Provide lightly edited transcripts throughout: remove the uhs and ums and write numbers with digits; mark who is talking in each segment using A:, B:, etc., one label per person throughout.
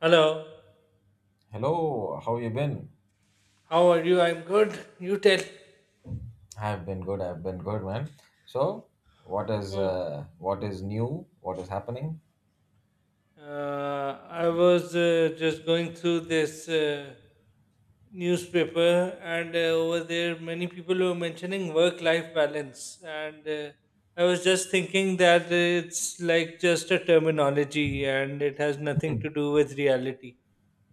A: Hello,
B: Hello, how you been?
A: how are you? I'm good. You tell.
B: I've been good. I've been good, man. So, what is
A: Oh,
B: what is new? What is happening?
A: I was just going through this newspaper, and over there, many people were mentioning work life balance. And I was just thinking that it's like just a terminology and it has nothing to do with reality.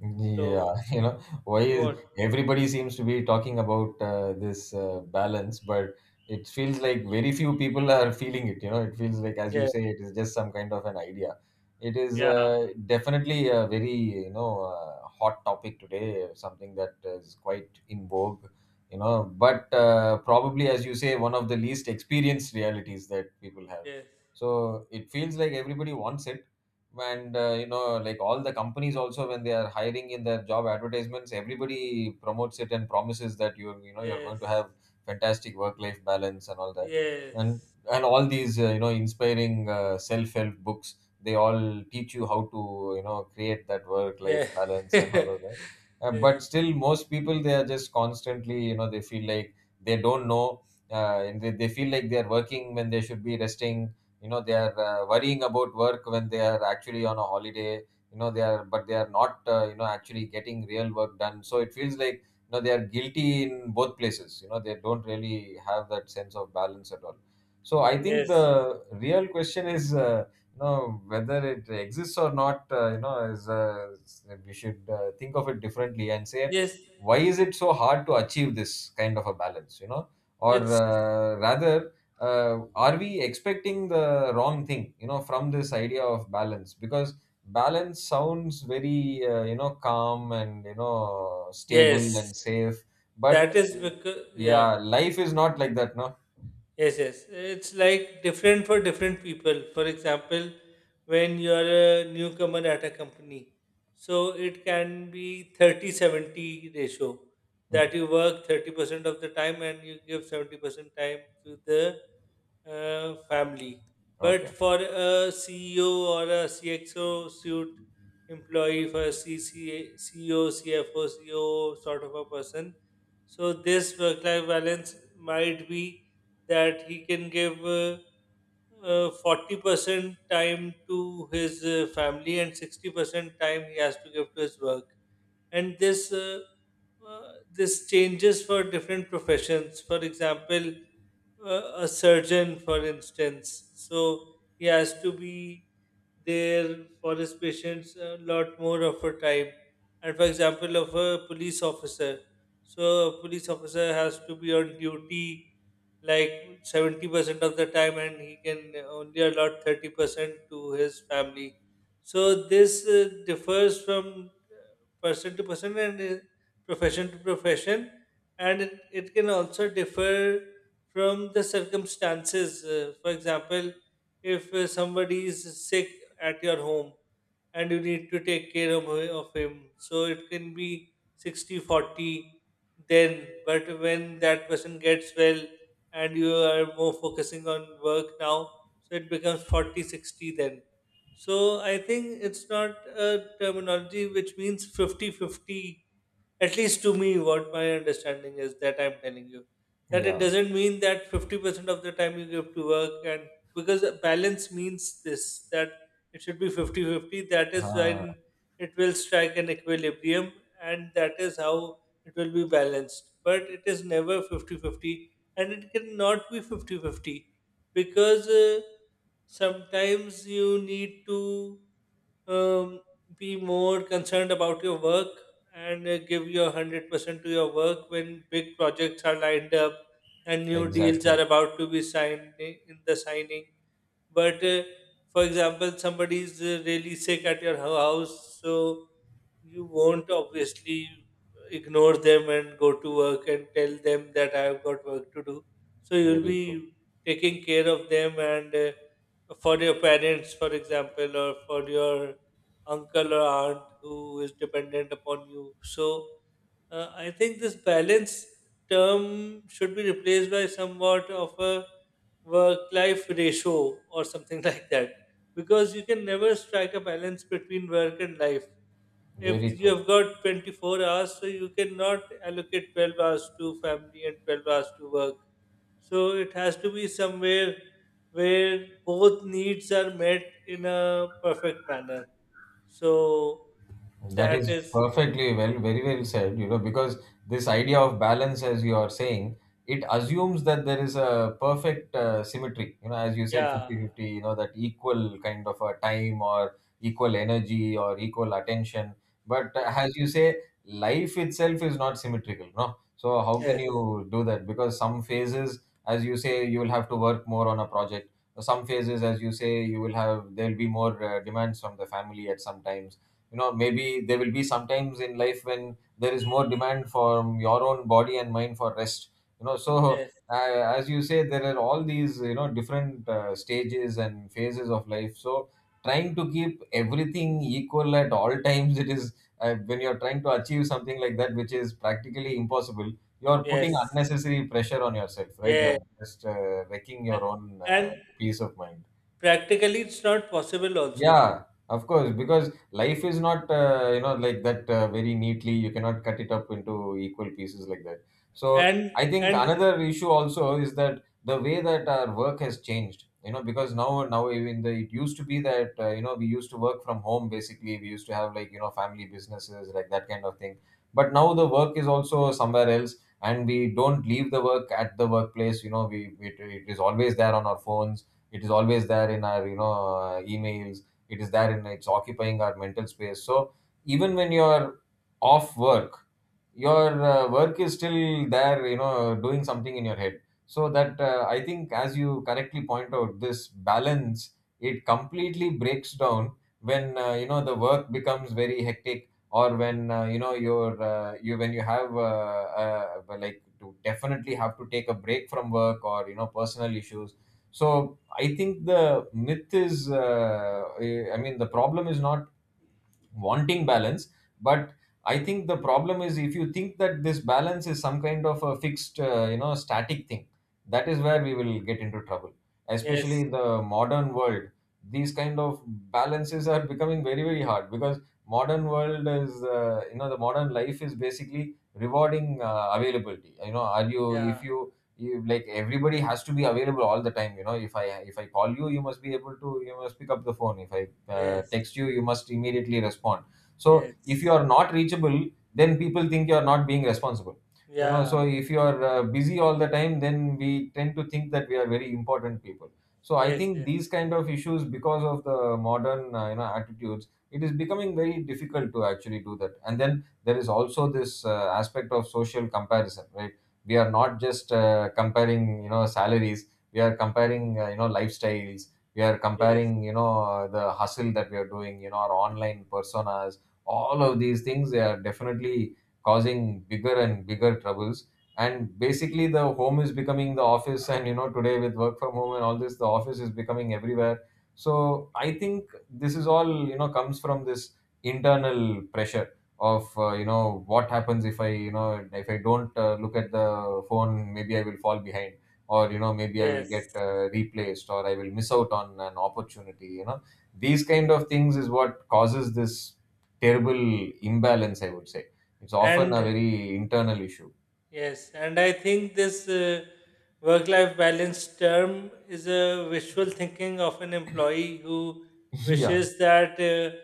B: Yeah,
A: So,
B: you know, why is
A: what?
B: everybody seems to be talking about this balance, but it feels like very few people are feeling it. You know, it feels like, as you
A: Yeah,
B: say, it is just some kind of an idea. It is
A: yeah,
B: definitely a very, hot topic today, something that is quite in vogue, you know, but probably, as you say, one of the least experienced realities that people have.
A: yes,
B: So it feels like everybody wants it and you know like all the companies also when they are hiring in their job advertisements everybody promotes it and promises that you know you're going to
A: yes,
B: have fantastic work life balance and all that and
A: yes,
B: and all these you know inspiring self help books they all teach you how to you know create that work life
A: yeah.
B: balance and all of that, but
A: Yes,
B: still most people they are just constantly you know they feel like they don't know, and they feel like they are working when they should be resting. You know they are worrying about work when they are actually on a holiday. You know they are but they are not you know actually getting real work done, so it feels like you know they are guilty in both places. You know they don't really have that sense of balance at all. So I think
A: yes.
B: the real question is, you know, whether it exists or not. You know, is we should think of it differently and say
A: Yes,
B: why is it so hard to achieve this kind of a balance, you know, or
A: it's
B: rather are we expecting the wrong thing, you know, from this idea of balance, because balance sounds very you know calm and you know
A: yes.
B: stable and safe, but
A: That is because
B: yeah
A: yeah,
B: life is not like that, no?
A: yes, yes. It's like different for different people. For example, when you're a newcomer at a company, so it can be 30-70 ratio,
B: Hmm.
A: that you work 30% of the time and you give 70% time to the family. But
B: Okay.
A: for a CEO or a CXO suit employee, for a CCA, CEO, CFO, CEO sort of a person, so this work life balance might be that he can give 40% time to his family and 60% time he has to give to his work, and this changes for different professions. For example, a surgeon, for instance, so he has to be there for his patients a lot more of a time. And for example, of a police officer, so a police officer has to be on duty like 70% of the time and he can only allot 30% to his family, so this differs from person to person and profession to profession, and it can also differ from the circumstances. For example, if somebody is sick at your home and you need to take care of him, so it can be 60-40 then, but when that person gets well and you are more focusing on work now, so it becomes 40-60 then. So I think it's not a terminology which means 50 50. At least to me, what my understanding is that I'm telling you, that it
B: Yeah.
A: doesn't mean that 50% of the time you give to work. And because balance means this, that it should be 50-50. That is
B: Ah,
A: when it will strike an equilibrium, and that is how it will be balanced. But it is never 50-50, and it cannot be 50-50 because sometimes you need to um, be more concerned about your work and give your 100% to your work when big projects are lined up and new deals are
B: exactly.
A: about to be signed, in the signing. But for example, somebody is really sick at your house, so you won't obviously ignore them and go to work and tell them that I've got work to do. So you'll
B: Very true.
A: be taking care of them and, for your parents, for example, or for your uncle or aunt who is dependent upon you. So I think this balance term should be replaced by somewhat of a work life ratio or something like that, because you can never strike a balance between work and life. If
B: Very
A: you
B: true.
A: have got 24 hours, so you cannot allocate 12 hours to family and 12 hours to work. So it has to be somewhere where both needs are met in a perfect manner. So
B: That
A: that
B: is
A: is,
B: perfectly well, very well said, you know, because this idea of balance, as you are saying, it assumes that there is a perfect symmetry, you know, as you said,
A: yeah,
B: 50-50. You know, that equal kind of a time or equal energy or equal attention. But
A: yes.
B: as you say, life itself is not symmetrical, no? So, how can
A: Yes.
B: you do that? Because some phases, as you say, you will have to work more on a project. Some phases, as you say, you will have, there'll be more demands from the family at some times. You know maybe there will be sometimes in life when there is more demand from your own body and mind for rest, you know, so
A: Yes,
B: as you say there are all these you know different stages and phases of life, so trying to keep everything equal at all times it is, when you're trying to
A: y-
B: achieve something like that which is practically impossible, you're putting
A: yes,
B: unnecessary pressure on yourself, right?
A: yeah,
B: You're just wrecking your
A: a-
B: own
A: and
B: peace of mind.
A: practically it's not possible also.
B: Yeah, of course, because life is not, you know, like that very neatly. You cannot cut it up into equal pieces like that. So
A: And
B: I think
A: and
B: another issue also is that the way that our work has changed, you know, because now even the, it used to be that, you know, we used to work from home basically. We used to have like, you know, family businesses, like that kind of thing. But now the work is also somewhere else and we don't leave the work at the workplace. You know, it is always there on our phones. It is always there in our, emails. It is there and it's occupying our mental space, so even when you're off work your work is still there, you know, doing something in your head. So that, I think as you correctly point out, this balance it completely breaks down when you know the work becomes very hectic, or when you know your you when you have like to definitely have to take a break from work, or you know personal issues. So I think the myth is, I mean the problem is not wanting balance, but I think the problem is if you think that this balance is some kind of a fixed you know static thing, that is
A: y-
B: where we will get into trouble, especially
A: yes,
B: in the modern world. These kind of balances are becoming very very hard because modern world is, you know the modern life is basically rewarding availability. You know, are you, if
A: yeah,
B: you like everybody has to be available all the time. You know, if I call you, you must be able to, you must pick up the phone. If I
A: yes,
B: text you, you must immediately respond. So if you
A: yes,
B: are not reachable, then people think you are not being responsible. So you know, so
A: yeah,
B: if you are busy all the time then we tend to think that we are very important people. So I
A: yes,
B: think these
A: yes,
B: kind of issues, because of the modern you know attitudes, it is becoming very difficult to actually do that. And then there is also this aspect of social comparison, right? We are not just comparing you know salaries, we are comparing you know lifestyles, we are
A: yes,
B: comparing you know the hustle that we are doing, you know our online personas. All of these things they are definitely causing bigger and bigger troubles. And basically the home is becoming the office, and you know today with work from home and all this, the office is becoming everywhere. So I think this is all you know comes from this internal pressure of you know what happens if I, you know, if I don't look at the phone, maybe I will fall behind, or you know maybe I will get
A: yes.
B: replaced or I will miss out on an opportunity, you know. These kind of things is what causes this terrible imbalance, I would say. It's often a
A: And
B: very internal issue.
A: yes, and I think this work life balance term is a wishful thinking of an employee who
B: Yeah,
A: wishes that,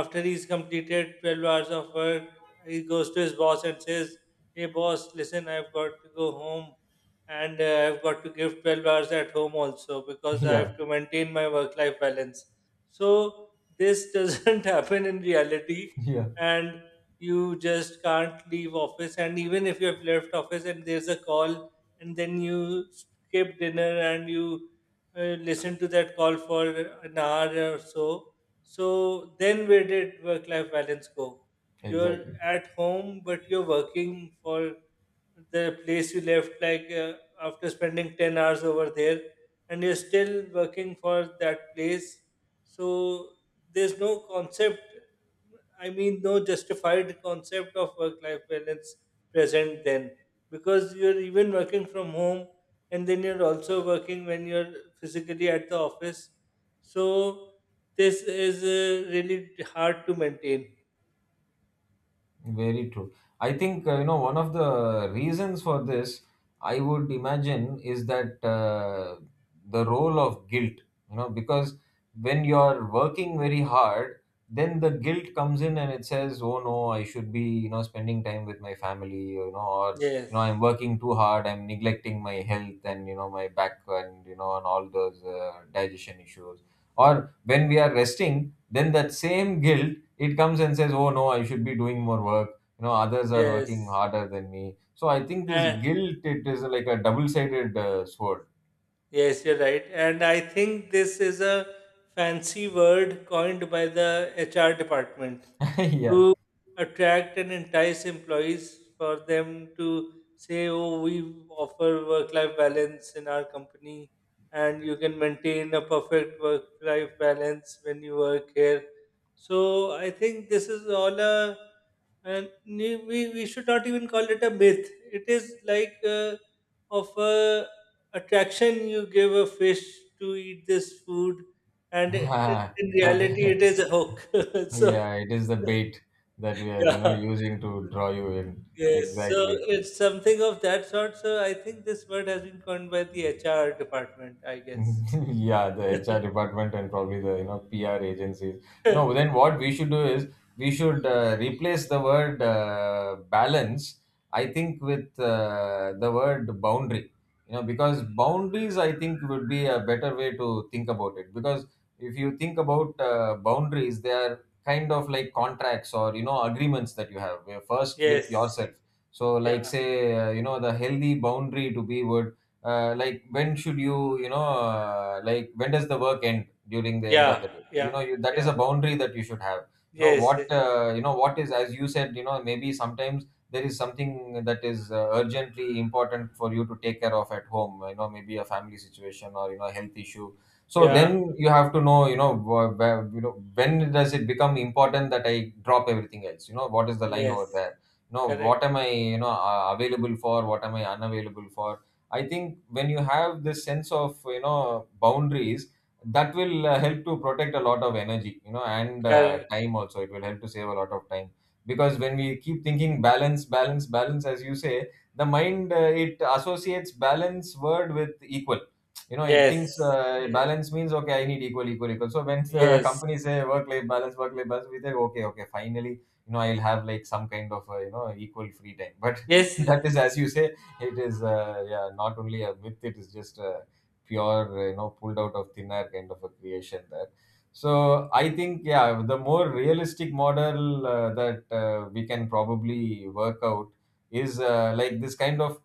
A: after he's completed 12 hours of work, he goes to his boss and says, "Hey, boss, listen, I've got to go home and, I've got to give 12 hours at home also because I
B: yeah,
A: have to maintain my work life balance." So, this doesn't happen in reality,
B: yeah.
A: and you just can't leave office. And even if you have left office and there's a call, and then you skip dinner and you listen to that call for an hour or so, so then where did work life balance go? You're
B: Exactly.
A: at home, but you're working for the place you left, like after spending 10 hours over there, and you're still working for that place. So there's no concept, I mean, no justified concept of work life balance present then, because you're even working from home and then you're also working when you're physically at the office. So, this is really hard to maintain.
B: Very true. I think you know one of the reasons for this, I would imagine, is that the role of guilt. You know, because when you're working very hard, then the guilt comes in and it says, "Oh no, I should be you know spending time with my family," you know, or you know,
A: Yes,
B: I'm working too hard, I'm neglecting my health and you know my back and you know and all those digestion issues. Or when we are resting, then that same guilt it comes and says, oh no I should be doing more work, you know others are working
A: yes,
B: harder than me. So I think this
A: and
B: guilt it is like a double sided sword.
A: yes, you're right. And I think this is a fancy word coined by the HR department
B: Yeah.
A: to attract and entice employees, for them to say, "Oh, we offer work life balance in our company and you can maintain a perfect work life balance when you work here." So I think this is all a, and we should not even call it a myth. It is like of a attraction you give a fish to eat this food, and
B: Ah,
A: in
B: okay.
A: reality, it is a hook. So
B: Yeah, it is the bait that we are you know
A: yeah.
B: using to draw you in.
A: Yes, so
B: Exactly.
A: it's something of that sort. So I think this word has been coined by the HR department, I guess.
B: Yeah, the HR department and probably the you know PR agencies. No, then what we should do is we should replace the word balance. I think with the word boundary. You know, because boundaries I think would be a better way to think about it. Because if you think about boundaries, they are kind of like contracts or you know agreements that you have. Where First with
A: Yes.
B: yourself. So, like
A: Yeah.
B: say, you know, the healthy boundary to be would like when should you you know like when does the work end during the end of
A: Yeah.
B: the day, you know,
A: Yeah.
B: you, that is
A: Yeah.
B: a boundary that you should have. You know
A: Yes.
B: what
A: Yes.
B: you know what is, as you said, you know, maybe sometimes there is something that is urgently important for you to take care of at home, you know, maybe a family situation or you know health issue. So
A: Yeah.
B: then you have to know, you know, you know, when does it become important that I drop everything else? You know, what is the line over
A: Yes.
B: there? You know, what
A: Correct.
B: am I, available for? What am I unavailable for? I think when you have this sense of, you know, boundaries, that will help to protect a lot of energy, you know, and
A: Correct.
B: time also, it will help to save a lot of time. Because when we keep thinking balance, balance, balance, as you say, the mind it associates balance word with equal. You know, it
A: Yes.
B: thinks
A: Yes.
B: balance means okay, I need equal, equal, equal. So when
A: Yes.
B: companies say work life balance, work life balance, we say okay, okay, finally, you know, I'll have like some kind of you know equal free time, but
A: Yes.
B: that is, as you say, it is yeah, not only a myth, it is just a pure you know, pulled out of thin air kind of a creation there. So I think, yeah, the more realistic model that we can probably work out is like this kind of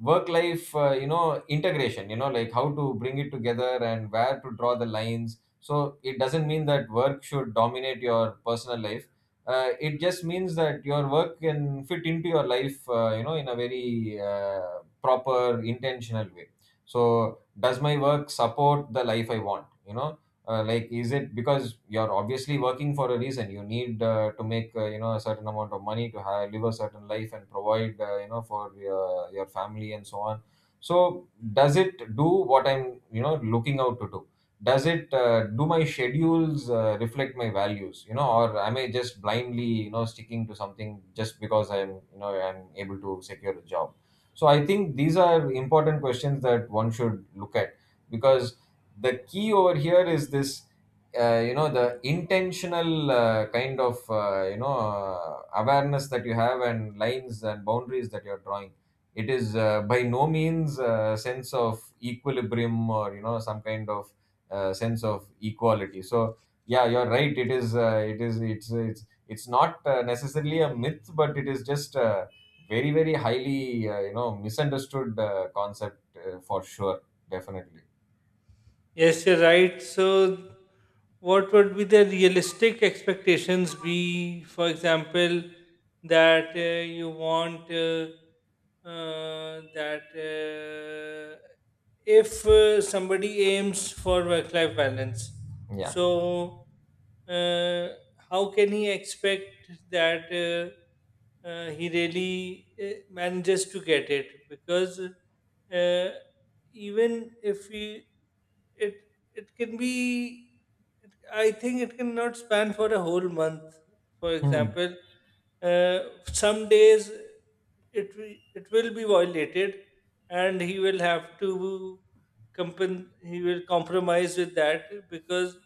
B: work life you know, integration, you know, like how to bring it together and where to draw the lines. So it doesn't mean that work should dominate your personal life. It just means that your work can fit into your life, you know, in a very proper, intentional way. So does my work support the life I want? You know, like is it because you're obviously working for a reason. You need to make you know, a certain amount of money to have, live a certain life and provide, you know, for your family and so on. So does it do what I'm, you know, looking out to do? Does it do my schedules reflect my values? You know, or am I just blindly, you know, sticking to something just because I'm you know I'm able to secure a job? So I think these are important questions that one should look at. Because the key over here is this you know, the intentional awareness that you have and lines and boundaries that you're drawing. It is by no means a sense of equilibrium or you know some kind of sense of equality. So yeah, you're right, it is it's not necessarily a myth, but it is just a very, very highly you know, misunderstood concept, for sure. Definitely.
A: Yes, you're right. So, what would be the realistic expectations be? For example, that you want that if somebody aims for work life balance,
B: Yeah.
A: so uh, how can he expect that he really manages to get it? Because, even if he, it, can be, it, I think it cannot span for a whole month. For
B: Hmm.
A: example, uh, some days it will be violated, and he will have to he will compromise with that, because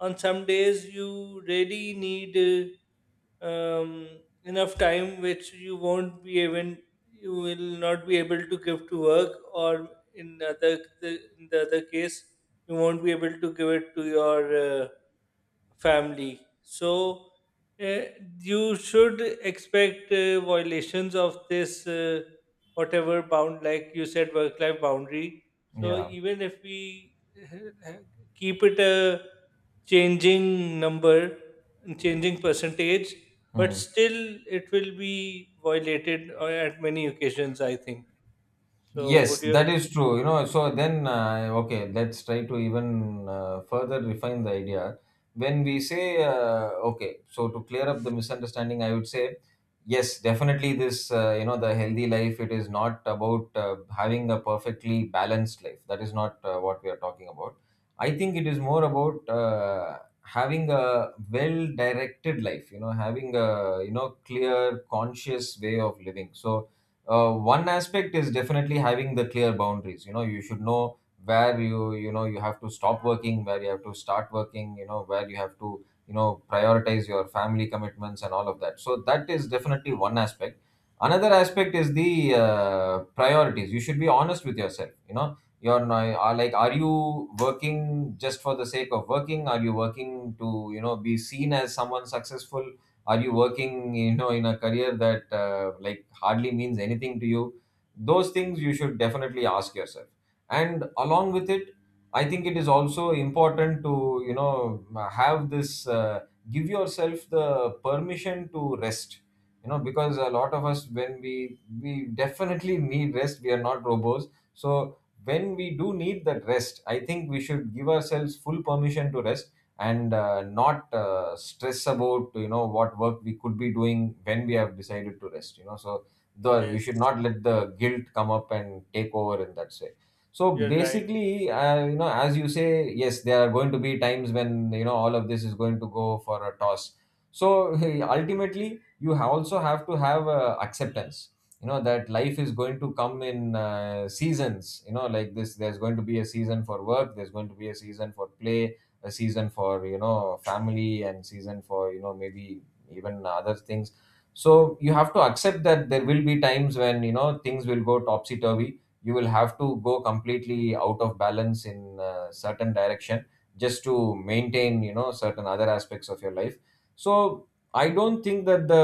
A: on some days you really need uh, um, enough time which you won't be even you will not be able to give to work, or in other, in the other case you won't be able to give it to your family. So uh, you should expect violations of this, whatever bound, like you said, work-life boundary. So
B: Yeah.
A: even if we keep it a changing number, changing percentage, but
B: Hmm.
A: still it will be violated at many occasions, I think. So
B: Yes,
A: would
B: that
A: you?
B: is true. You know, so then, okay, let's try to even further refine the idea. When we say, okay, so to clear up the misunderstanding, I would say, yes, definitely this, you know, the healthy life, it is not about having a perfectly balanced life. That is not what we are talking about. I think it is more about having a well directed life, you know, having a, you know, clear, conscious way of living. So, one aspect is definitely having the clear boundaries. You know, you should know where you know, you have to stop working, where you have to start working, you know, where you have to, you know, prioritize your family commitments and all of that. So that is definitely one aspect. Another aspect is the priorities. You should be honest with yourself. You know, you're not, are like, are you working just for the sake of working? Are you working to, you know, be seen as someone successful? Are you working, you know, in a career that like hardly means anything to you? Those things you should definitely ask yourself. And along with it, I think it is also important to, you know, have this give yourself the permission to rest. You know, because a lot of us when we definitely need rest, we are not robots. So when we do need that rest, I think we should give ourselves full permission to rest and not stress about, you know, what work we could be doing when we have decided to rest. You know, so the we
A: Yes,
B: should not let the guilt come up and take over in that way. So
A: you're right.
B: basically, you know, as you say, yes, there are going to be times when, you know, all of this is going to go for a toss. So ultimately you also have to have acceptance. You know that life is going to come in seasons, you know, like this. There's going to be a season for work, there's going to be a season for play, a season for, you know, family and season for, you know, maybe even other things. So you have to accept that there will be times when, you know, things will go topsy turvy. You will have to go completely out of balance in a certain direction just to maintain, you know, certain other aspects of your life. So I don't think that the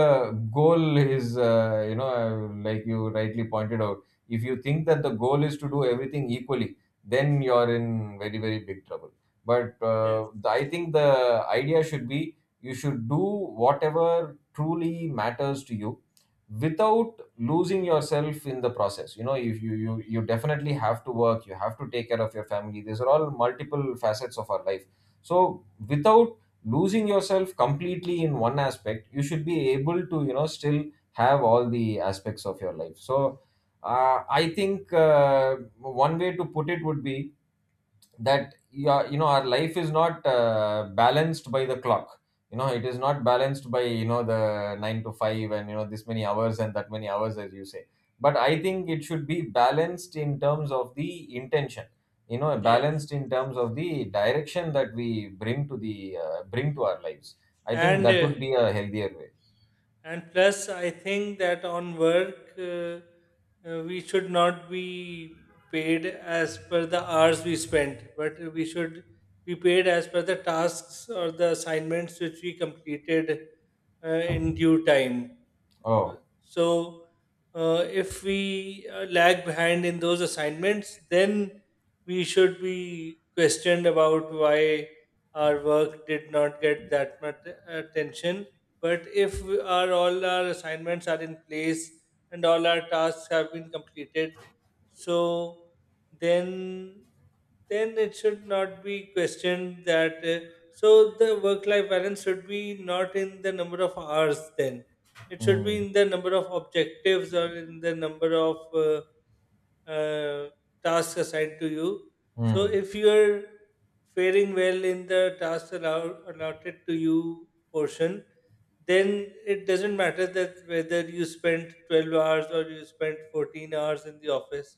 B: goal is you know, like you rightly pointed out, if you think that the goal is to do everything equally, then you're in very, very big trouble. But
A: Yes,
B: I think the idea should be you should do whatever truly matters to you without losing yourself in the process. You know, if you definitely have to work, you have to take care of your family, these are all multiple facets of our life. So without losing yourself completely in one aspect, you should be able to, you know, still have all the aspects of your life. So I think one way to put it would be that you, are, you know, our life is not balanced by the clock. You know, it is not balanced by, you know, the 9 to 5 and you know this many hours and that many hours, as you say. But I think it should be balanced in terms of the intention. You know,
A: yes,
B: balanced in terms of the direction that we bring to the bring to our lives. I think
A: and.
B: that would be a healthier way.
A: And plus, I think that on work, we should not be paid as per the hours we spent, but we should be paid as per the tasks or the assignments which we completed in due time.
B: Oh.
A: So, if we lag behind in those assignments, then we should be questioned about why our work did not get that much attention. But if our, all our assignments are in place and all our tasks have been completed, so then then it should not be questioned that. So the work-life balance should be not in the number of hours. Then it should be
B: Mm.
A: in the number of objectives or in the number of uh, tasks assigned to you. So
B: Mm.
A: if you're faring well in the task allotted to you portion, then it doesn't matter that whether you spent 12 hours or you spent 14 hours in the office,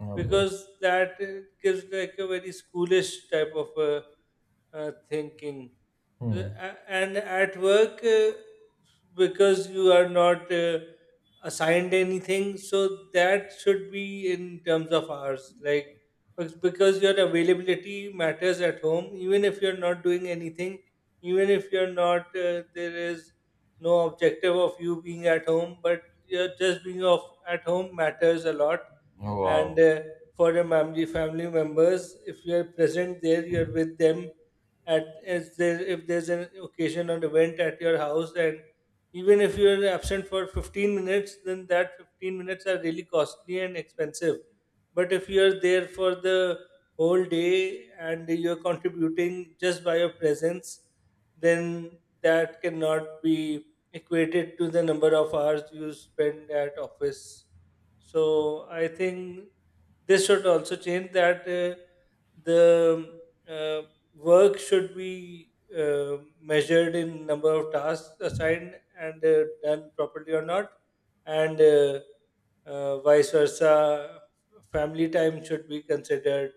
B: Okay.
A: because that gives like a very schoolish type of thinking.
B: Mm.
A: And at work, because you are not assigned anything, so that should be in terms of hours. Like, because your availability matters at home, even if you're not doing anything, even if you're not, there is no objective of you being at home, but you're just being off at home matters a lot.
B: Oh,
A: And
B: wow.
A: for your family, family members, if you're present there, you're with them at as there, if there's an occasion or event at your house, and even if you're absent for 15 minutes, then that 15 minutes are really costly and expensive. But if you're there for the whole day and you're contributing just by your presence, then that cannot be equated to the number of hours you spend at office. So I think this should also change, that the uh, work should be measured in number of tasks assigned and done properly or not, and vice versa, family time should be considered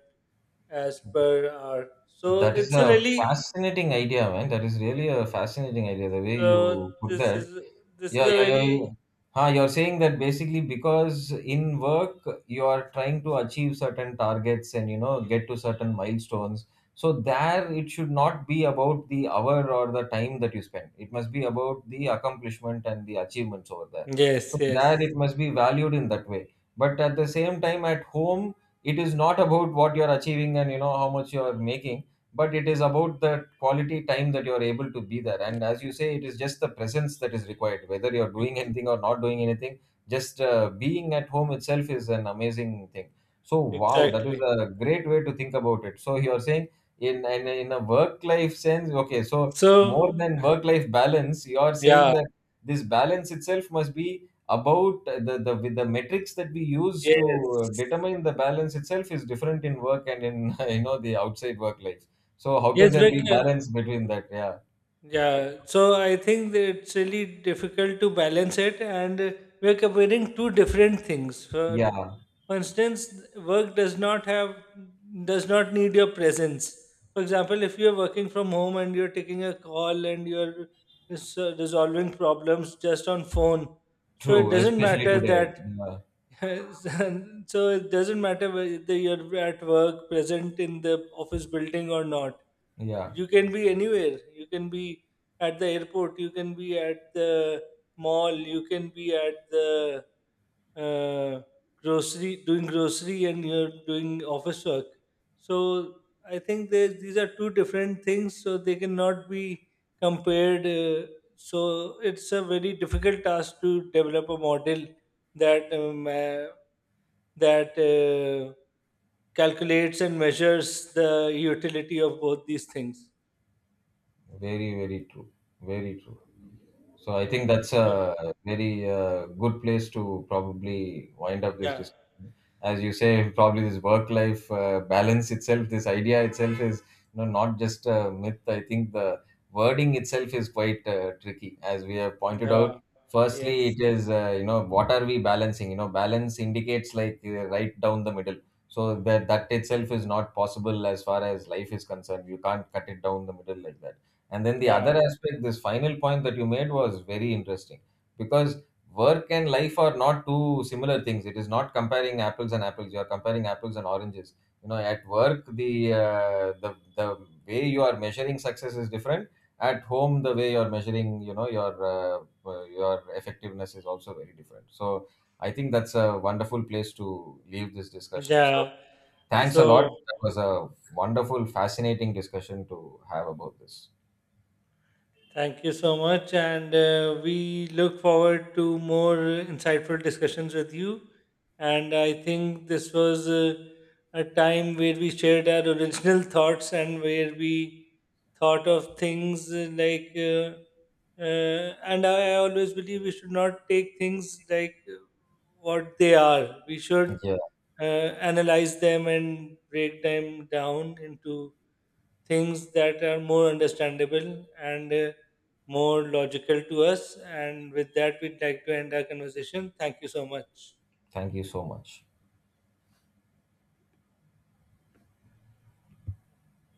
A: as per hour. So
B: That is
A: it's a
B: a
A: really,
B: fascinating idea, man. That is really a fascinating idea, the way
A: so
B: you put that.
A: this is
B: Yeah,
A: a
B: yeah, yeah. Yeah.
A: very,
B: Huh, you're saying that basically because in work you are trying to achieve certain targets and you know get to certain milestones. So there it should not be about the hour or the time that you spend. It must be about the accomplishment and the achievements over there.
A: yes,
B: So there
A: yes,
B: it must be valued in that way. But at the same time at home it is not about what you're achieving and you know how much you're making, but it is about the quality time that you are able to be there, and as you say, it is just the presence that is required, whether you're doing anything or not doing anything. Just being at home itself is an amazing thing. So wow, that is
A: exactly.
B: a great way to think about it. So you're saying in a work life sense, okay, so more
A: So
B: than work life balance, you are saying
A: yeah,
B: that this balance itself must be about the with the metrics that we use to
A: yes,
B: determine the balance itself is different in work and in you know the outside work life. So how can
A: yes,
B: there be
A: because
B: balance between that? Yeah,
A: yeah, so I think that it's really difficult to balance it, and we're comparing two different things.
B: yeah,
A: For instance, work does not need your presence. For example, if you're working from home and you're taking a call and you're resolving problems just on phone, so it
B: true,
A: doesn't
B: especially
A: matter
B: today.
A: that,
B: Yeah,
A: so it doesn't matter whether you're at work present in the office building or not.
B: yeah,
A: You can be anywhere. You can be at the airport, you can be at the mall, you can be at the uh, grocery, doing grocery, and you're doing office work. So I think these are two different things, so they cannot be compared. So it's a very difficult task to develop a model that that uh, calculates and measures the utility of both these things.
B: very, very true, very true. So I think
A: Yeah.
B: that's
A: So
B: a very good place to probably wind up this
A: yeah.
B: discussion. As you say, probably this work-life balance itself, this idea itself is, you know, not just a myth. I think the wording itself is quite tricky, as we have pointed out.
A: Yeah.
B: Firstly,
A: Yes.
B: it is you know, what are we balancing? You know, balance indicates like right down the middle. So that that itself is not possible as far as life is concerned. You can't cut it down the middle like that. And then the other
A: Yeah.
B: aspect, this final point that you made was very interesting because work and life are not two similar things. It is not comparing apples and apples. You are comparing apples and oranges. You know, at work, the the way you are measuring success is different. At home, the way you are measuring, you know, your effectiveness is also very different. So I think that's a wonderful place to leave this discussion. So
A: Yeah.
B: thanks a lot.
A: So
B: That was a wonderful, fascinating discussion to have about this.
A: thank you so much. And we look forward to more insightful discussions with you. And I think this was a time where we shared our original thoughts, and where we thought of things like, and I always believe we should not take things like what they are. We should
B: Yeah.
A: uh, analyze them and break them down into things that are more understandable and more logical to us. And with that, we'd like to end our conversation. Thank you so much.
B: Thank you so much.